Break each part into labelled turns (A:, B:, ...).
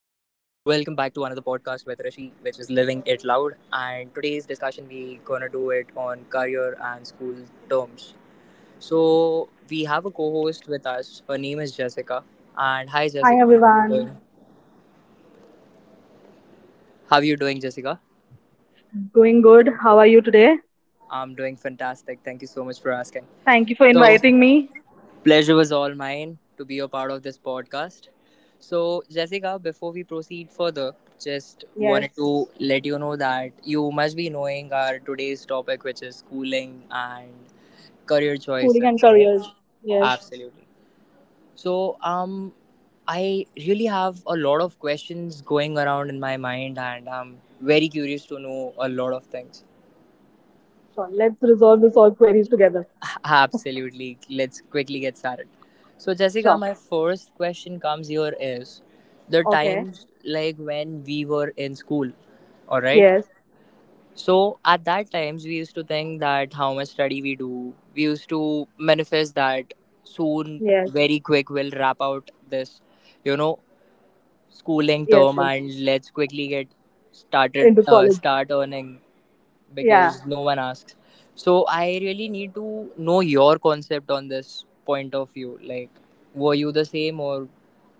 A: with Rishi, which is Living It Loud. And today's discussion, we gonna do it on career and school terms. So we have a co-host with us. Her name is Jessica. And hi,
B: Hi
A: Jessica. How are you
B: everyone.
A: doing? How are you doing, Jessica?
B: Going good. How are you today?
A: I'm doing fantastic. Thank you so much for asking.
B: Thank you for
A: So.
B: inviting me.
A: Pleasure was all mine to be a part of this podcast. So, Jessica, before we proceed further, just wanted
B: Yes,
A: to let you know that you must be knowing our today's topic, which is schooling and career
B: schooling
A: choices,
B: and
A: right?
B: careers. Yes.
A: Absolutely. So, I really have a lot of questions going around in my mind, and I'm very curious to know a lot of things.
B: Sure. Let's resolve this all queries together.
A: Absolutely. Let's quickly get started. So, Jessica,
B: Sure.
A: my first question comes here is the
B: Okay.
A: times like when we were in school, all right?
B: Yes.
A: So, at that times, we used to think that how much study we do, we used to manifest that soon,
B: Yes.
A: very quick, we'll wrap out this, you know, schooling
B: Yes.
A: term
B: Yes.
A: and let's quickly get
B: Into college.
A: start earning
B: Yeah.
A: because no one asks. So I really need to know your concept on this point of view. Like, were you the same or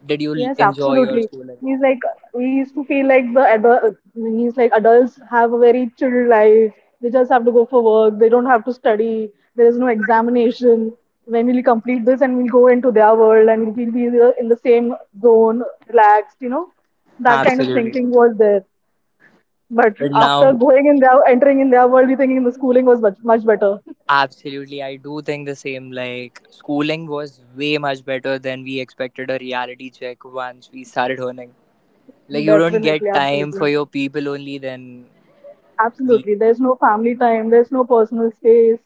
A: did you
B: Yes,
A: enjoy your
B: absolutely.
A: school life?
B: He's like we used to feel like the adult. He's like adults have a very chill life. They just have to go for work. They don't have to study. There is no examination. When we'll complete this and we'll go into their world and we'll be in the same zone, relaxed. You know, that kind of
A: Absolutely.
B: thinking was there. But
A: But
B: after
A: now,
B: going in entering in their world, we thinking the schooling was much better.
A: absolutely, I do think the same. Like, schooling was way much better than we expected a reality check once we started earning. Like, you don't
B: Definitely,
A: get time for
B: absolutely.
A: your people only, then we.
B: Absolutely. There's no family time, there's no personal space,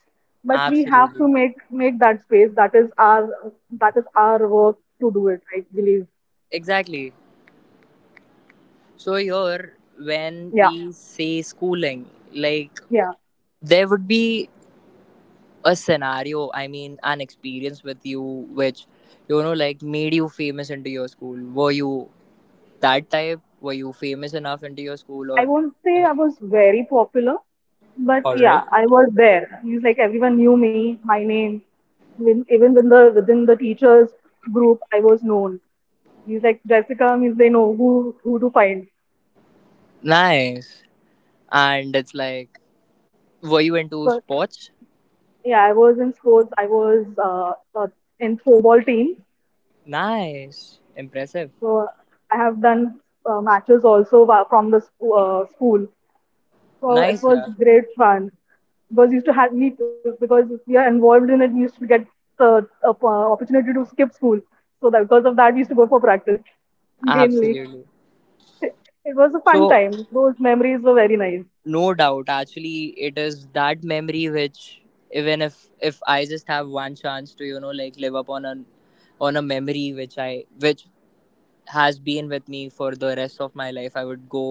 B: but we have
A: Absolutely.
B: to make that space. That is our work to do it, I believe.
A: Exactly. So, here, when
B: Yeah,
A: we say schooling, like,
B: yeah.
A: there would be a scenario, I mean an experience with you which, you know, like made you famous into your school. Were you that type? Were you famous enough into your school?
B: I
A: Or,
B: won't
A: you
B: say
A: know,
B: I was very popular, but
A: all
B: yeah,
A: right.
B: I was there. It's like everyone knew me, my name. Even within the teachers group, I was known. He's like Jessica means they know who to find.
A: Nice. And it's like, were you into
B: But
A: sports?
B: yeah, I was in sports. I was uh, in throwball team.
A: Nice, impressive.
B: So I have done matches also from the school. So it
A: Nice,
B: was
A: yeah.
B: great fun because used to have me because if we are involved in it. We used to get the opportunity to skip school. So that because of that, we used to go for practice mainly.
A: Absolutely.
B: It was a fun
A: So,
B: time. Those memories were very nice.
A: no doubt. Actually, it is that memory which, even if I just have one chance to, you know, like live up on a memory which I which has been with me for the rest of my life, I would go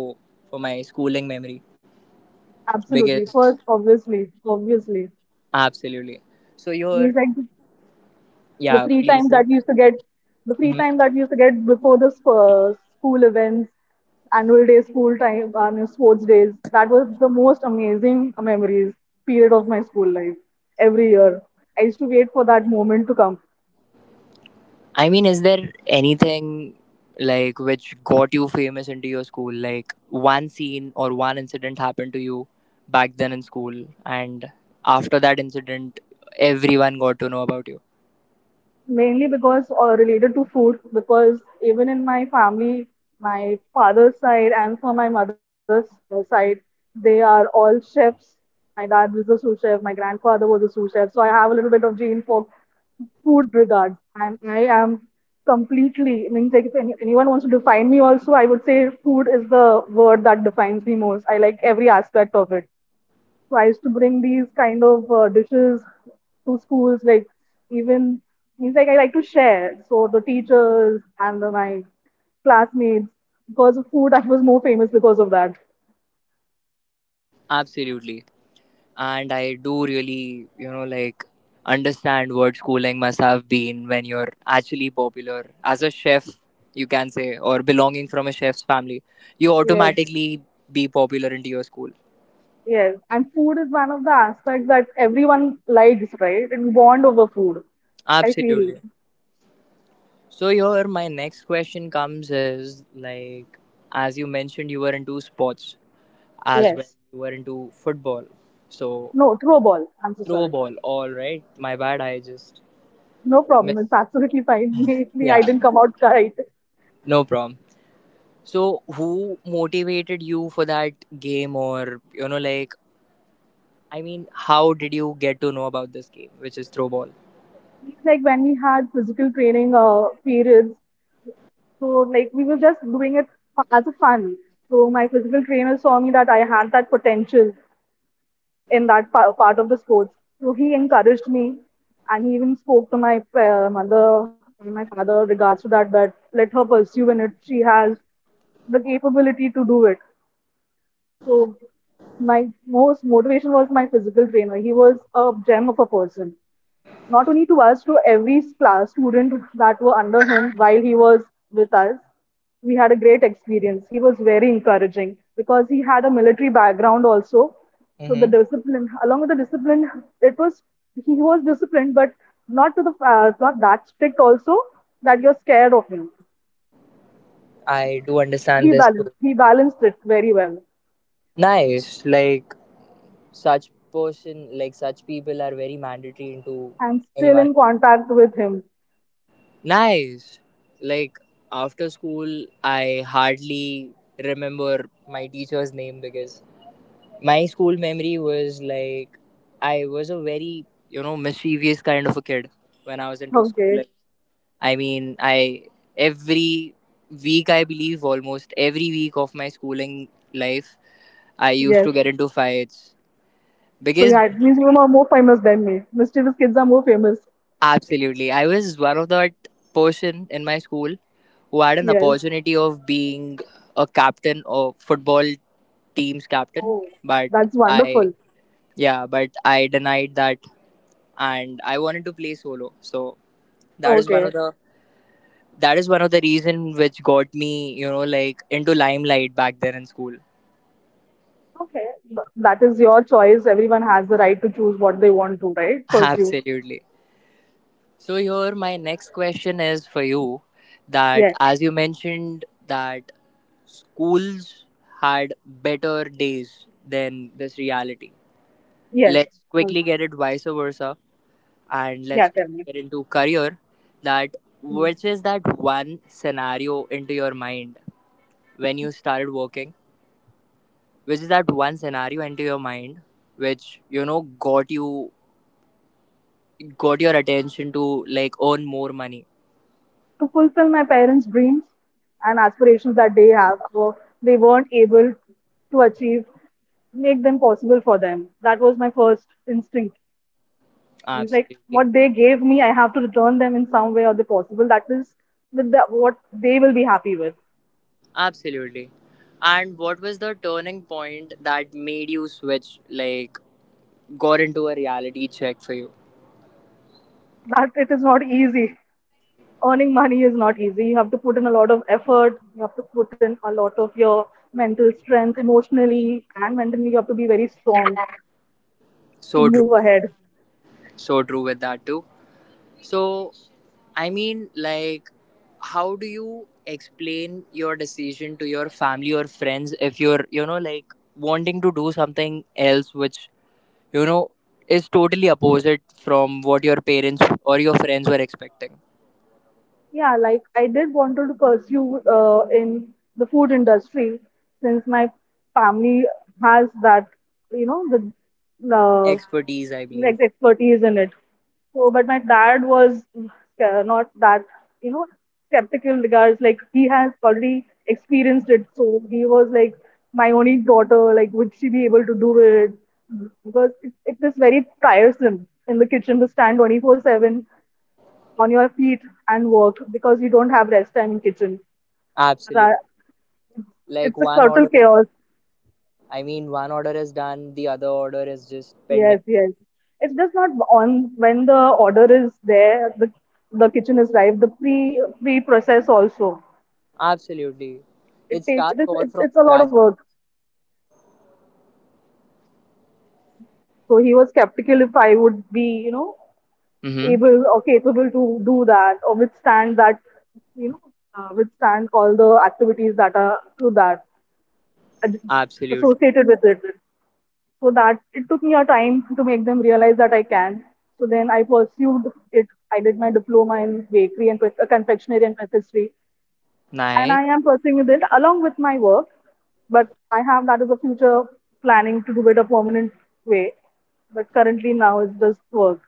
A: for my schooling memory
B: Absolutely.
A: because
B: First, obviously, obviously.
A: absolutely. So your
B: He's like the
A: yeah,
B: free
A: please
B: time
A: say.
B: that we used to get the free
A: Mm-hmm.
B: time that we used to get before the school events, annual day school time, and sports days. That was the most amazing memories period of my school life. Every year I used to wait for that moment to come.
A: I mean, is there anything like which got you famous into your school? Like one scene or one incident happened to you back then in school, and after that incident, everyone got to know about you.
B: Mainly because or related to food, because even in my family, my father's side and for my mother's side, they are all chefs. My dad was a sous chef, my grandfather was a sous chef, so I have a little bit of gene for food regards. And I am completely, I mean, like if anyone wants to define me also, I would say food is the word that defines me most. I like every aspect of it. So I used to bring these kind of dishes to schools, like even, means like I like to share. So the teachers and my classmates, because of food, I was more famous because of that.
A: Absolutely. And I do really, you know, like understand what schooling must have been when you're actually popular as a chef, you can say, or belonging from a chef's family. You
B: Yes,
A: automatically be popular into your school.
B: yes. And food is one of the aspects that everyone likes, right? And we bond over food, I feel.
A: Absolutely. So here my next question comes is like as you mentioned you were into sports as well,
B: Yes.
A: you were into football. So
B: No, throw a ball. I'm so
A: throw
B: sorry.
A: ball, all right. My bad, I just
B: No problem.
A: miss.
B: It's absolutely fine. Maybe I
A: Yeah,
B: didn't come out right.
A: no problem. So who motivated you for that game? Or, you know, like, I mean, how did you get to know about this game which is throw ball?
B: It's like when we had physical training periods, so like we were just doing it as a fun. So my physical trainer saw me that I had that potential in that part of the sports. So he encouraged me, and he even spoke to my mother and my father regards to that. That let her pursue in it. She has the capability to do it. So my most motivation was my physical trainer. He was a gem of a person. Not only to us, to every class student that were under him while he was with us. We had a great experience. He was very encouraging because he had a military background also. So the
A: Mm-hmm.
B: discipline, along with the discipline, it was he was disciplined, but not to the not that strict also that you're scared of him.
A: I do understand
B: He
A: this too.
B: balanced he balanced it very well.
A: Nice. Like such person like such people are very mandatory into
B: I'm still
A: anyone.
B: in contact with him.
A: Nice. Like after school, I hardly remember my teacher's name because my school memory was like I was a very, you know, mischievous kind of a kid when I was into school.
B: Okay,
A: Like, I mean, I every week, I believe almost every week of my schooling life, I used
B: yes.
A: to get into fights
B: So
A: because
B: yeah, it means you are more famous than me. Mischievous kids are more famous.
A: absolutely. I was one of that person in my school who had an
B: Yes.
A: opportunity of being a captain or football team's captain,
B: Oh,
A: but
B: that's
A: I,
B: wonderful.
A: yeah, but I denied that and I wanted to play solo. So that is one
B: Okay.
A: of the that is one of the reason which got me, you know, like into limelight back then in school.
B: Okay. That is your choice. Everyone has the right to choose what they want to, right? Pursue.
A: Absolutely. So here my next question is for you that
B: Yes.
A: as you mentioned that schools had better days than this reality.
B: Yes.
A: Let's
B: Mm.
A: quickly get it vice versa and
B: Yeah,
A: let's
B: tell
A: quickly
B: me.
A: get into career. That
B: Mm.
A: which is that one scenario into your mind when you started working, which is that one scenario into your mind which, you know, got your attention to, like, earn more money?
B: To fulfill my parents' dreams and aspirations that they have, or they weren't able to achieve, make them possible for them. That was my first instinct. He's like,
A: Absolutely.
B: what they gave me, I have to return them in some way or the possible. That is with the, what they will be happy with.
A: Absolutely. And what was the turning point that made you switch, like, got into a reality check for you?
B: That it is not easy. Earning money is not easy. You have to put in a lot of effort. You have to put in a lot of your mental strength, emotionally and mentally. You have to be very strong to
A: So true.
B: move ahead.
A: So true with that, too. So, I mean, like, how do you explain your decision to your family or friends if you're, you know, like, wanting to do something else which, you know, is totally opposite from what your parents or your friends were expecting?
B: Yeah, like I did wanted to pursue in the food industry since my family has that, you know, the uh,
A: Expertise, I
B: like
A: believe.
B: the expertise in it. So, but my dad was not that, you know, skeptical regards. Like he has already experienced it, so he was like, my only daughter, like, would she be able to do it? Because it is very tiresome in the kitchen to stand 24/7 on your feet and work because you don't have rest time in kitchen.
A: Absolutely.
B: That-
A: Like,
B: It's a
A: one
B: total
A: order
B: chaos.
A: I mean, one order is done, the other order is just pending.
B: Yes, yes. It's just not on when the order is there, the kitchen is live, the pre process also.
A: Absolutely.
B: It
A: It
B: take it
A: starts
B: is
A: all
B: it,
A: from
B: it's a lot
A: scratch.
B: of work. So he was skeptical if I would be, you know,
A: Mm-hmm.
B: able or capable to do that or withstand that, you know, withstand all the activities that are to that ad-
A: Absolutely.
B: associated with it. So that it took me a time to make them realize that I can. So then I pursued it. I did my diploma in bakery and confectionery and pastry, and
A: Nice.
B: I am pursuing it along with my work. But I have that as a future planning to do it a permanent way. But currently now it's just work.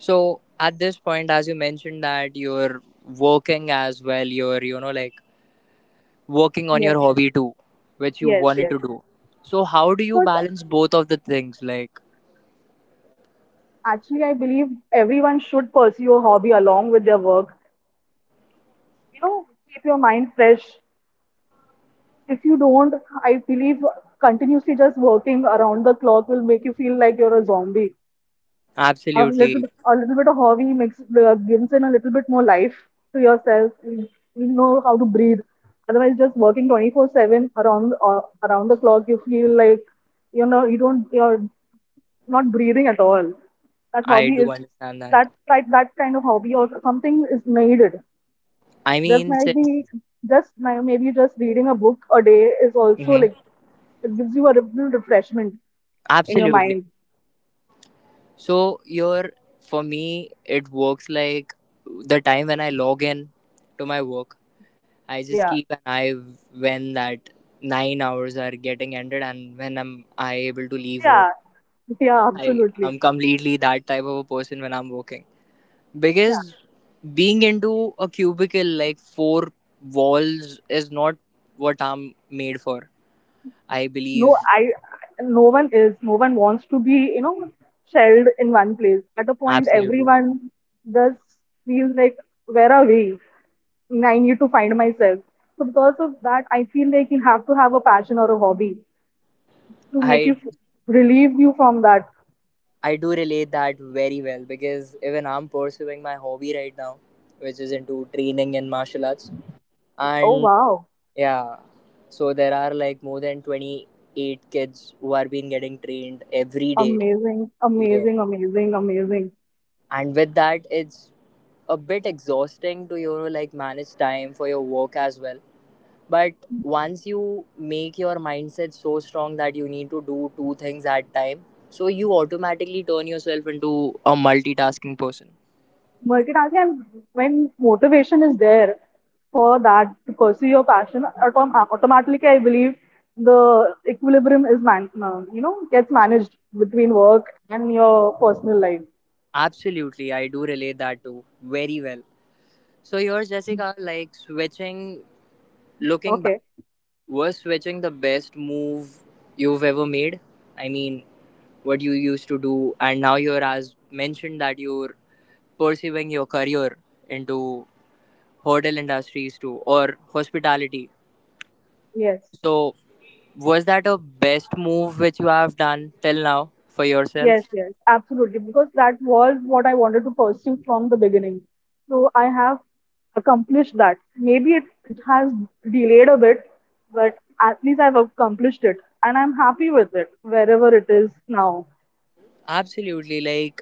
A: So at this point, as you mentioned that you're working as well, you're, you know, like working on
B: Yes,
A: your hobby too, which you
B: yes,
A: wanted
B: yes.
A: to do. So how do you
B: Because
A: balance both of the things? Like,
B: actually, I believe everyone should pursue a hobby along with their work. You know, keep your mind fresh if you don't, I believe continuously just working around the clock will make you feel like you're a zombie. A little,
A: absolutely.
B: a little bit of hobby makes gives in a little bit more life to yourself. You know how to breathe. Otherwise, just working 24/7 around the clock, you feel like you know you don't you're not breathing at all. That
A: I
B: hobby
A: do
B: is
A: understand that.
B: that kind of hobby or something is needed
A: I
B: just
A: mean, since.
B: maybe, just maybe just reading a book a day is also
A: Mm-hmm.
B: like it gives you a little refreshment in your
A: Absolutely.
B: mind.
A: So your For me it works like the time when I log in to my work, I just
B: Yeah,
A: keep an eye when that 9 hours are getting ended and when I able to leave home.
B: yeah, yeah,
A: I
B: absolutely.
A: am completely that type of a person when I'm working.
B: Yeah,
A: Because being into a cubicle like four walls is not what I'm made for. I
B: no,
A: believe
B: no one is, no one wants to be, you know, shelled in one place. At a point,
A: absolutely.
B: everyone just feels like, where are we? I need to find myself. So because of that, I feel like you have to have a passion or a hobby to make
A: I
B: you relieve you from that.
A: I do relate that very well because even I'm pursuing my hobby right now, which is into training in martial arts.
B: Oh
A: And
B: wow.
A: yeah, so there are like more than 28 kids who are being getting trained every day.
B: Amazing,
A: Yeah.
B: amazing, amazing, amazing.
A: And with that, it's a bit exhausting to, you know, like manage time for your work as well. But once you make your mindset so strong that you need to do two things at time, so you automatically turn yourself into a multitasking person.
B: Multitasking and when motivation is there for that to pursue your passion, automatically I believe the equilibrium is man, you know, gets managed between work and your personal life.
A: Absolutely, I do relate that too very well. So yours, Jessica, like switching, looking back,
B: Okay,
A: was switching the best move you've ever made? I mean, what you used to do, and now you're as mentioned that you're pursuing your career into hotel industries too or hospitality.
B: yes.
A: So was that a best move which you have done till now for
B: Yes,
A: yourself?
B: yes, absolutely. Because that was what I wanted to pursue from the beginning. So I have accomplished that. Maybe it has delayed a bit, but at least I've accomplished it and I'm happy with it wherever it is now.
A: Absolutely, like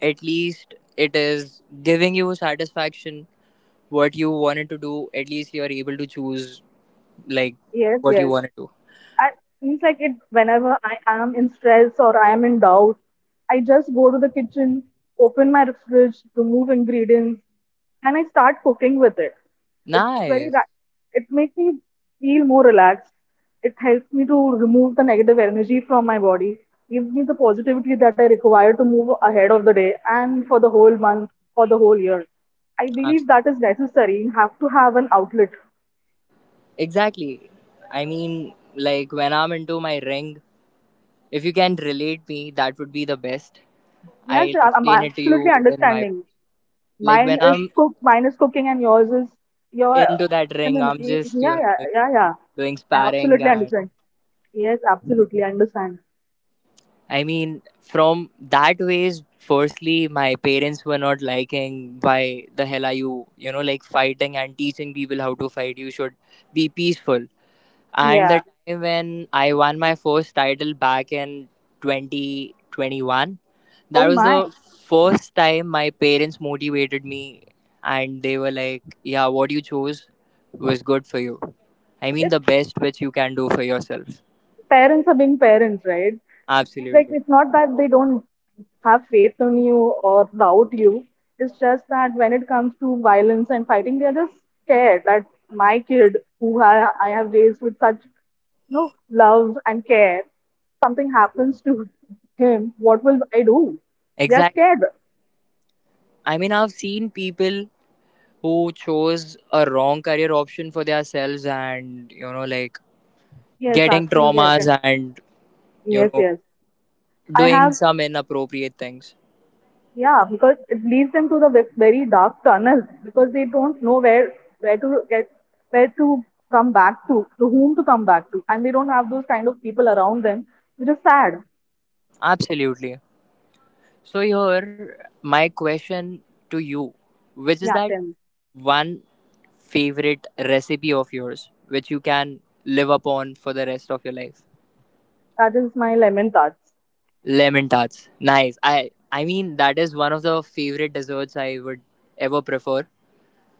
A: at least it is giving you satisfaction what you wanted to do. At least you are able to choose, like,
B: Yes,
A: what you
B: yes.
A: want to do.
B: I It's like it whenever I am in stress or I am in doubt, I just go to the kitchen, open my fridge, remove ingredients, and I start cooking with it. It's very
A: Nice.
B: that it makes me feel more relaxed. It helps me to remove the negative energy from my body, gives me the positivity that I require to move ahead of the day and for the whole month, for the whole year. I
A: Abs-
B: believe that is necessary. You have to have an outlet.
A: Exactly. I mean, like when I'm into my ring, if you can relate me, that would be the best.
B: Yes,
A: I'll
B: I'm
A: explain it to you
B: absolutely
A: in my,
B: understanding.
A: like, when
B: Mine is
A: I'm
B: cook. Mine is cooking, and yours is your.
A: into that
B: I
A: ring,
B: mean,
A: I'm just, you
B: yeah,
A: know,
B: yeah,
A: like
B: yeah, yeah.
A: doing
B: I
A: sparring.
B: absolutely
A: And
B: understand. Yes, absolutely understand.
A: I mean, from that ways, firstly, my parents were not liking why the hell are you, you know, like fighting and teaching people how to fight. You should be peaceful. And the
B: Yeah.
A: time when I won my first title back in 2021, that
B: Oh
A: was
B: my.
A: the first time my parents motivated me and they were like, yeah, what you chose was good for you. I mean,
B: If
A: the best which you can do for yourself.
B: parents are being parents, right? It's like
A: Absolutely.
B: it's not that they don't have faith in you or doubt you. It's just that when it comes to violence and fighting, they are just scared that my kid, who I have raised with such know, love and care, something happens to him, what will I do? They are
A: Exactly.
B: scared.
A: I mean, I've seen people who chose a wrong career option for themselves and, you know, like
B: Yes,
A: getting
B: absolutely. I can-
A: traumas and, you
B: Yes,
A: know,
B: yes. I
A: doing
B: have,
A: some inappropriate things.
B: yeah, because it leads them to the very dark tunnel because they don't know where to get where to come back to whom to come back to, and they don't have those kind of people around them, which is sad.
A: Absolutely. So, here, my question to you, which is
B: Yeah,
A: that
B: then
A: one favorite recipe of yours which you can live upon for the rest of your life?
B: that is my lemon thoughts.
A: Lemon tarts. Nice. I mean that is one of the favorite desserts I would ever prefer.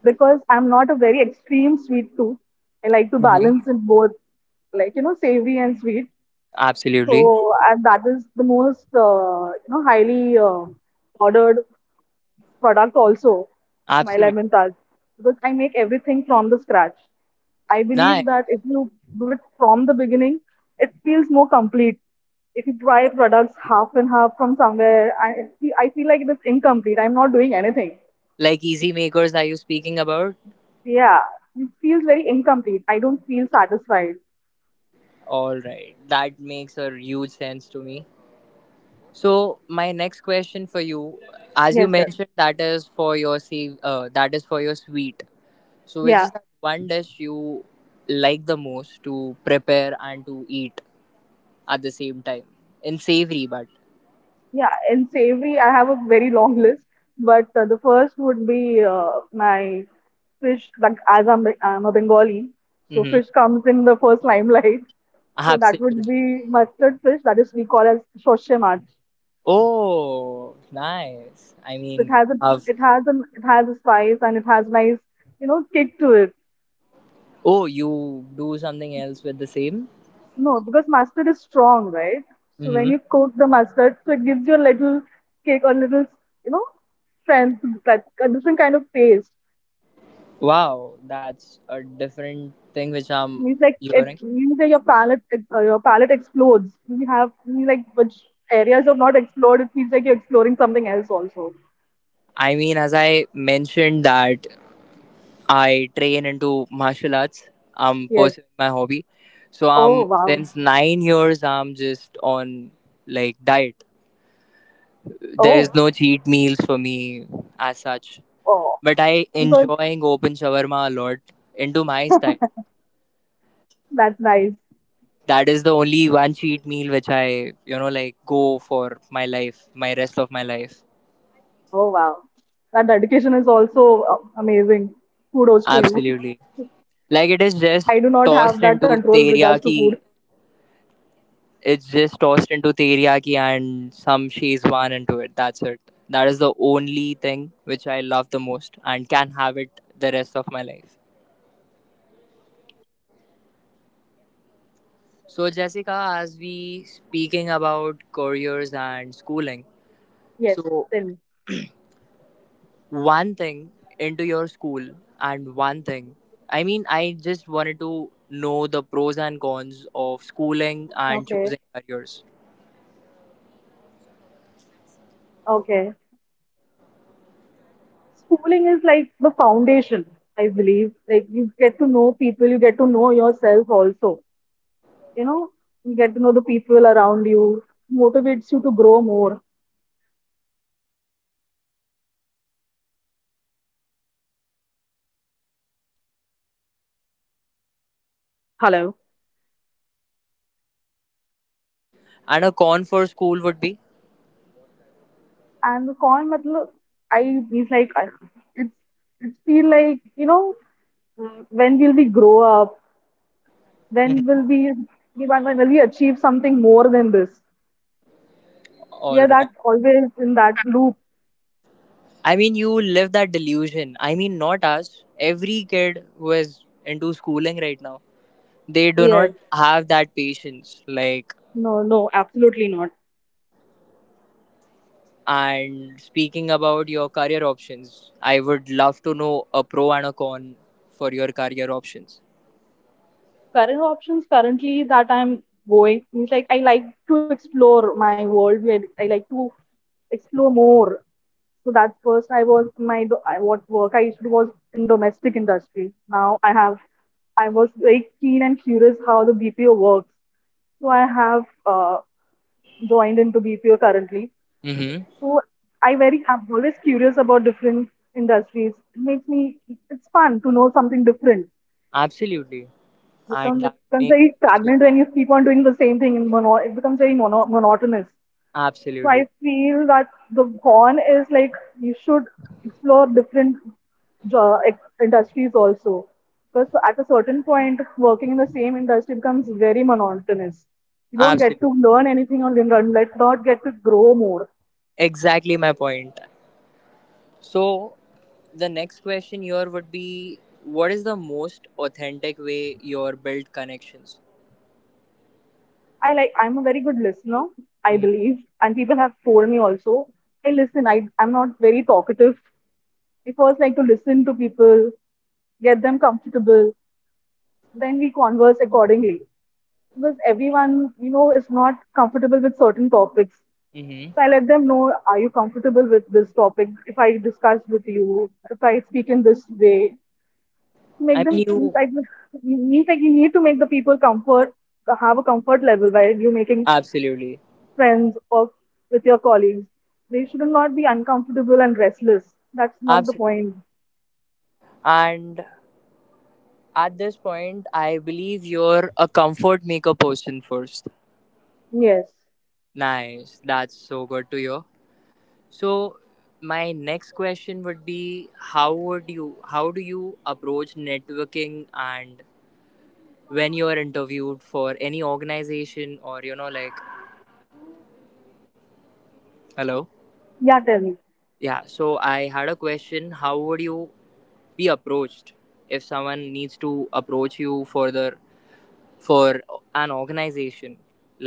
B: Because I'm not a very extreme sweet tooth. I like to
A: Hmm.
B: balance it both, like you know, savory and sweet.
A: Absolutely.
B: So and that is the most you know highly ordered product also, my
A: Absolutely.
B: lemon tart, because I make everything from the scratch. I believe
A: Nice.
B: that if you do it from the beginning, it feels more complete. If you try products half and half from somewhere, I feel like it is incomplete. I'm not doing anything.
A: Like easy makers are you speaking about?
B: Yeah, it feels very incomplete. I don't feel satisfied.
A: All right. That makes a huge sense to me. So my next question for you, as you
B: Yes, sir.
A: mentioned, that is for your sweet. So which
B: Yeah,
A: is that one dish you like the most to prepare and to eat at the same time in savory, but
B: yeah. In savory, I have a very long list, but the first would be my fish. Like as I'm a Bengali, so
A: mm-hmm.
B: fish comes in the first limelight. So that would
A: Absolutely.
B: be mustard fish. That is we call as shoshe mach.
A: Oh, nice. I
B: So it
A: mean,
B: has a,
A: have
B: it has an, it has a spice and it has nice, you know, kick to it.
A: oh you do something else with the same?
B: No, because mustard is strong, right? So
A: Mm-hmm.
B: when you coat the mustard, so it gives you a little cake, or little, you know, strength, like a different kind of taste.
A: Wow, that's a different thing which
B: It
A: I'm
B: means like
A: hearing.
B: it means that your palate explodes. You have you like which areas have not explored. It feels like you're exploring something else also.
A: I mean, as I mentioned that I train into martial arts. I'm
B: Yes.
A: pursuing my hobby. So
B: Oh
A: I'm
B: wow.
A: since 9 years I'm just on like diet. There is
B: Oh
A: no cheat meals for me as such.
B: oh,
A: But I
B: because
A: enjoying open shawarma a lot into my style.
B: that's nice.
A: That is the only one cheat meal which I, you know, like go for my rest of my life.
B: Oh wow, that dedication is also amazing. Kudos to you.
A: Absolutely. Like it is
B: I
A: just
B: do not have
A: tossed
B: that
A: into
B: control regards to food.
A: teriyaki. It's just tossed into teriyaki and some shezwan into it. That's it. That is the only thing which I love the most and can have it the rest of my life. So Jessica, as we speaking about careers and schooling,
B: Yes,
A: so
B: tell me.
A: one thing into your school and one thing. I mean, I just wanted to know the pros and cons of schooling and
B: Okay,
A: choosing careers.
B: okay. Schooling is like the foundation, I believe. Like you get to know people, you get to know yourself also. You know, you get to know the people around you, motivates you to grow more. Hello.
A: And a con for school would be?
B: And the coin matlab, I it's like I, it's it's feel like you know when will we grow up? When will we when will we achieve something more than this? We
A: All
B: are
A: right.
B: that always in that loop.
A: I mean, you live that delusion. I mean, not us. Every kid who is into schooling right now, they do not
B: Yes.
A: have that patience. Like,
B: No, no, absolutely not.
A: and speaking about your career options, I would love to know a pro and a con for your career options.
B: Current options currently that I'm going means like I like to explore my world, where I like to explore more. So that's first I was my I, what work I used to do was in domestic industry. Now I have I was very keen and curious how the BPO works. So I have joined into BPO currently.
A: Mm-hmm.
B: So I'm always curious about different industries. It makes me it's fun to know something different.
A: Absolutely. And
B: Become it
A: that
B: becomes
A: makes
B: very
A: a huge difference.
B: stagnant when you keep on doing the same thing in it becomes very monotonous. So I
A: Absolutely.
B: feel that the horn is like you should explore different industries also, because at a certain point working in the same industry becomes very monotonous. You don't get
A: Absolutely.
B: to learn anything or learn let not get to grow more.
A: Exactly my point. So, the next question here would be, what is the most authentic way your build connections?
B: I'm a very good listener, I
A: Hmm.
B: believe, and people have told me also. I, I'm not very talkative. We first like to listen to people, get them comfortable, then we converse accordingly. Because everyone, you know, is not comfortable with certain topics.
A: Hmm.
B: So I let them know, are you comfortable with this topic? If I discuss with you, if I speak in this way, make
A: I mean,
B: them
A: you
B: means like you need to make the people comfort have a comfort level while you're making
A: absolutely,
B: friends or with your colleagues. They should not be uncomfortable and restless. That's not the
A: absolutely.
B: point.
A: And at this point, I believe you're a comfort maker person first.
B: Yes.
A: Nice, that's so good to hear. So, my next question would be, how do you approach networking and when you're interviewed for any organization or you know like hello.
B: Yeah, tell me.
A: Yeah, so I had a question. How would you be approached if someone needs to approach you for the for an organization?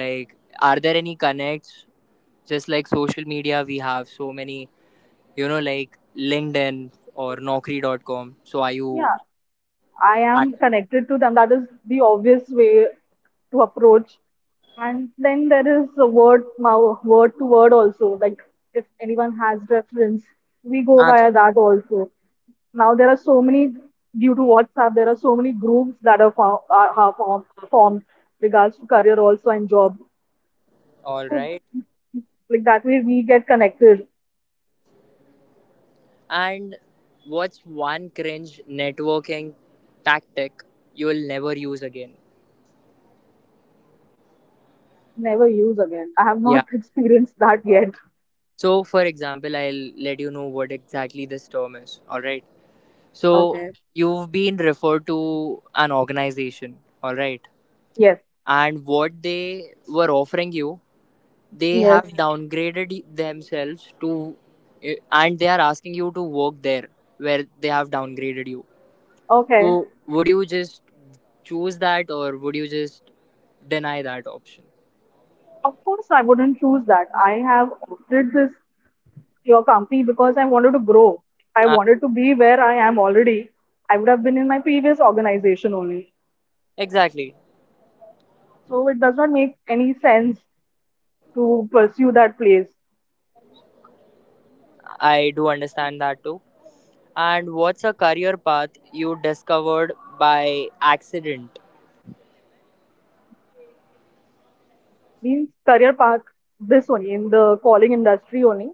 A: Like, are there any connects? Just like social media, we have so many, you know, like LinkedIn or Naukri.com. So are you
B: Yeah, I am
A: active there?
B: connected to them. That is the obvious way to approach. And then there is a word, word to word also. Like if anyone has reference, we go via
A: Absolutely.
B: that also. Now there are so many due to WhatsApp. There are so many groups that are formed regards to career also and job.
A: All
B: So
A: right.
B: like that way we get connected.
A: And what's one cringe networking tactic you will never use again?
B: Never use again. I have
A: Yeah.
B: not experienced that yet.
A: So, for example, I'll let you know what exactly this term is. All right. So,
B: Okay.
A: you've been referred to an organization. All right.
B: Yes.
A: And what they were offering you, they have
B: Yes.
A: downgraded y- themselves to, and they are asking you to work there where they have downgraded you.
B: Okay.
A: So, would you just choose that or would you just deny that option?
B: Of course, I wouldn't choose that. I have opted this your company because I wanted to grow. I
A: Uh,
B: wanted to be where I am already. I would have been in my previous organization only.
A: exactly.
B: So it does not make any sense to pursue that place.
A: I do understand that too. And what's a career path you discovered by accident?
B: Means career path this only in the calling industry only.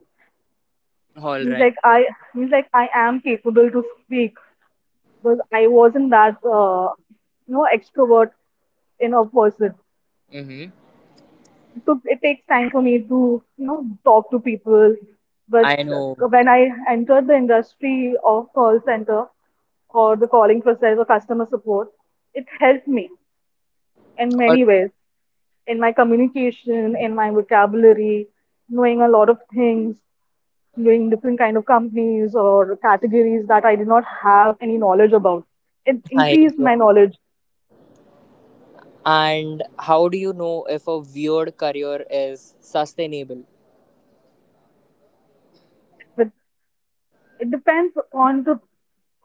A: All
B: He's
A: right.
B: like I He's like I am capable to speak because I wasn't that you know extrovert in a person.
A: Mm-hmm.
B: It takes time for me to you know talk to people, but
A: I know.
B: when I entered the industry of call center or the calling process or customer support, it helped me in
A: All
B: many ways, in my communication, in my vocabulary, knowing a lot of things, doing different kind of companies or categories that I did not have any knowledge about. It
A: right.
B: increased my knowledge.
A: And how do you know if a weird career is sustainable?
B: With it depends on the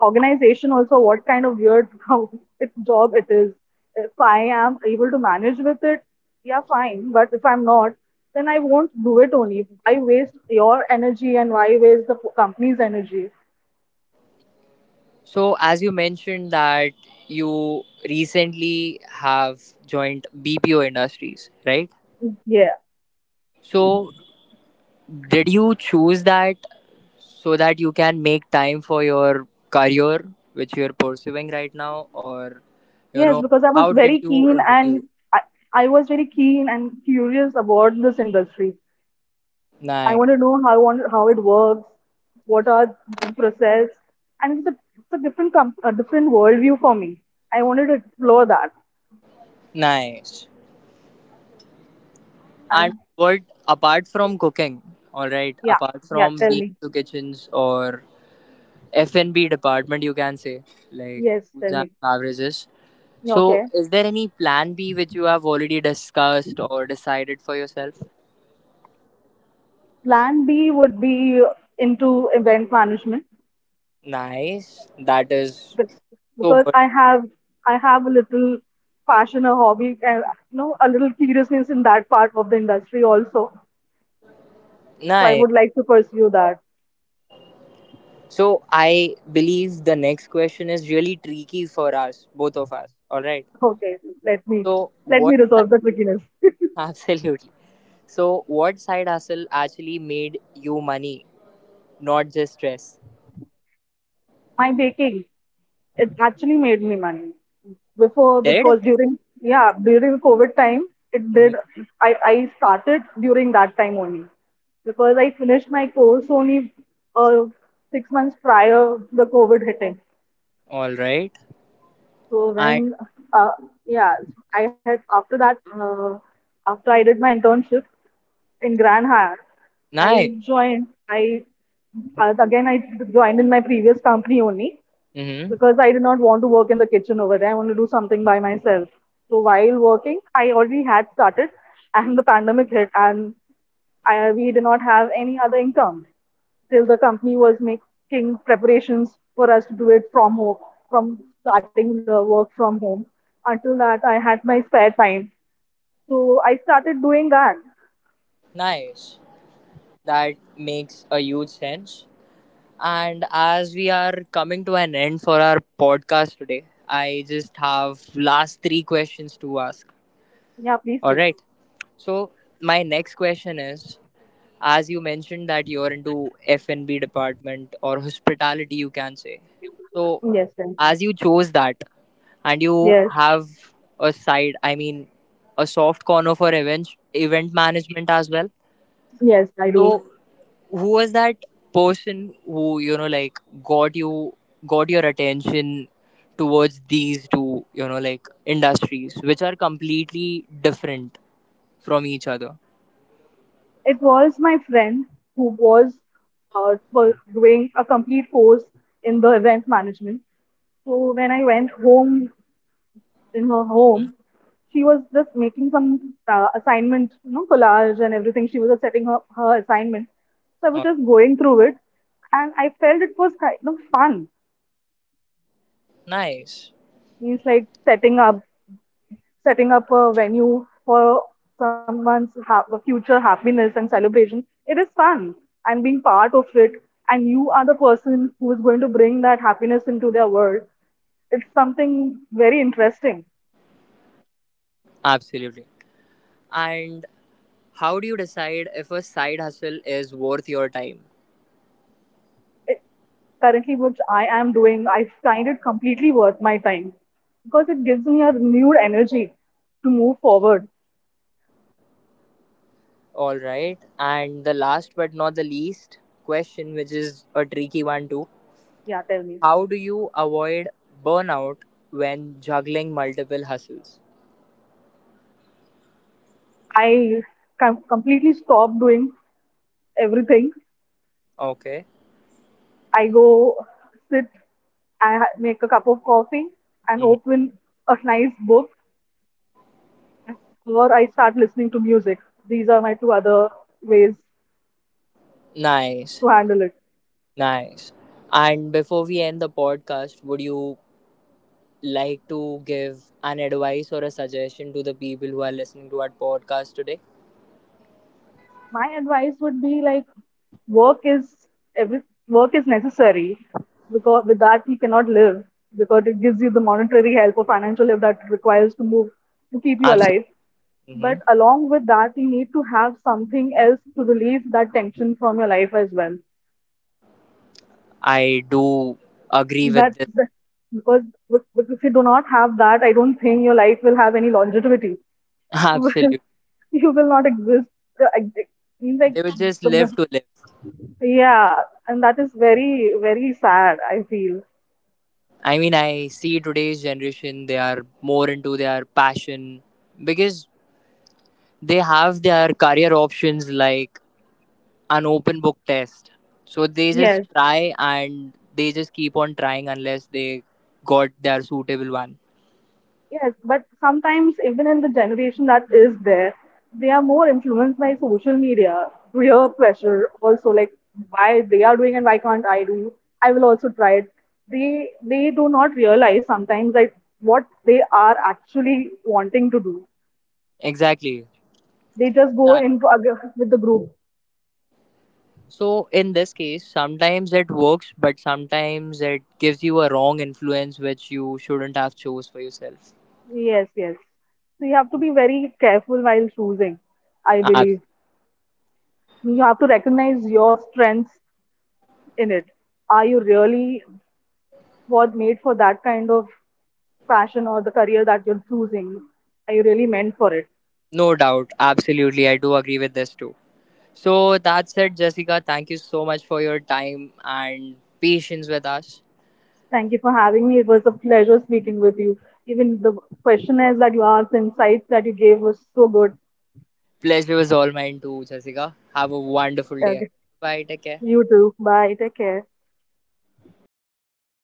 B: organization also what kind of weird how it, job it is. If I am able to manage with it, yeah, fine. But if I'm not, then I won't do it only. I waste your energy and why waste the company's energy?
A: So, as you mentioned that you recently have joined BPO Industries, right?
B: Yeah.
A: So, did you choose that so that you can make time for your career which you're pursuing right now, or you
B: Yes,
A: know,
B: because I was
A: how did
B: very
A: you
B: keen and
A: introduce?
B: I, I was very keen and curious about this industry. I
A: Nice.
B: want to know how it works, what are the process, and it's a a different worldview for me. I wanted to explore that,
A: Nice. And
B: and
A: what, apart from cooking, all right,
B: yeah,
A: apart
B: yeah.
A: from
B: Tell
A: being
B: me,
A: to kitchens or f&b department, you can say, like
B: yes,
A: foods
B: tell
A: and
B: me.
A: beverages,
B: Yeah,
A: so
B: okay,
A: is there any plan b which you have already discussed or decided for yourself?
B: plan B would be into event management.
A: Nice, that is
B: be-
A: so
B: because
A: good.
B: I have a little passion, a hobby, and you know a little curiousness in that part of the industry also. So I
A: Nice.
B: would like to pursue that.
A: So I believe the next question is really tricky for us, both of us. All right.
B: Okay, let me
A: So
B: let me
A: what side?
B: resolve the trickiness.
A: Absolutely. So what side hustle actually made you money, not just stress?
B: My baking, it actually made me money before
A: Did?
B: because during yeah during covid time it
A: Mhm.
B: did. I started during that time only because I finished my course only uh, 6 months prior the covid hitting.
A: All right.
B: So when
A: And
B: uh, yeah I had after that uh, after I did my internship in grand hyatt, I
A: nice.
B: joined, i i joined in my previous company only,
A: Mm-hmm.
B: because I did not want to work in the kitchen over there. I want to do something by myself. So while working, I already had started, and the pandemic hit, and I, we did not have any other income till the company was making preparations for us to do it from home, from starting the work from home. Until that, I had my spare time, so I started doing that.
A: Nice. That makes a huge sense. And as we are coming to an end for our podcast today, I just have last three questions to ask.
B: Yeah, please
A: All
B: do.
A: right. So my next question is, as you mentioned that you're into F&B department or hospitality, you can say. So
B: Yes, sir.
A: as you chose that, and you
B: Yes,
A: have a side, I mean, a soft corner for event management as well.
B: yes, I do.
A: So who was that person who you know like got you got your attention towards these two you know like industries which are completely different from each other.
B: It was my friend who was doing a complete course in the event management. So when I went home in her home, she was just making some assignment, you know, collage and everything. She was just setting up her assignment. So I was
A: Oh,
B: just going through it, and I felt it was kind of fun.
A: nice.
B: Means like setting up a venue for future happiness and celebration, it is fun and being part of it. And you are the person who is going to bring that happiness into their world. It's something very interesting.
A: Absolutely. And how do you decide if a side hustle is worth your time?
B: It, currently, which I am doing, I find it completely worth my time because it gives me a renewed energy to move forward.
A: All right. And the last but not the least question, which is a tricky one too.
B: Yeah, tell me.
A: How do you avoid burnout when juggling multiple hustles?
B: I completely stopped doing everything.
A: Okay.
B: I go sit, make a cup of coffee and
A: Mhm.
B: open a nice book, or I start listening to music. These are my two other ways
A: Nice.
B: to handle it.
A: Nice. And before we end the podcast, would you like to give an advice or a suggestion to the people who are listening to our podcast today?
B: My advice would be like work is every work is necessary because with that you cannot live, because it gives you the monetary help or financial help that it requires to move to keep you
A: Absolutely.
B: alive.
A: Hmm.
B: But along with that, you need to have something else to relieve that tension from your life as well.
A: I do agree with
B: But
A: this.
B: the- because but if you do not have that, I don't think your life will have any longevity. You will
A: Absolutely.
B: you will not exist. Uh, ex- ex- Means like
A: They would just live
B: the-
A: to live.
B: yeah, and that is very very sad. I feel
A: I mean, I see today's generation, they are more into their passion because they have their career options like an open book test. So they just
B: yes.
A: try and they just keep on trying unless they got their suitable one.
B: Yes, but sometimes even in the generation that is there, they are more influenced by social media, peer pressure, also like why they are doing and why can't I do? I will also try it. They do not realize sometimes like what they are actually wanting to do.
A: Exactly.
B: They just go into with the group.
A: So in this case, sometimes it works, but sometimes it gives you a wrong influence which you shouldn't have chose for yourself.
B: Yes, yes. So you have to be very careful while choosing, I
A: Ab-
B: believe. You have to recognize your strengths in it. Are you really was made for that kind of passion or the career that you're choosing. I really meant for it.
A: no doubt, absolutely, I do agree with this too. So that's it, Jessica. Thank you so much for your time and patience with us.
B: Thank you for having me. It was a pleasure speaking with you. Even the questionnaires that you asked, the insights that you gave was so good.
A: Pleasure was all mine too, Jessica. Have a wonderful day.
B: Okay.
A: Bye. Take care.
B: You too. Bye. Take care.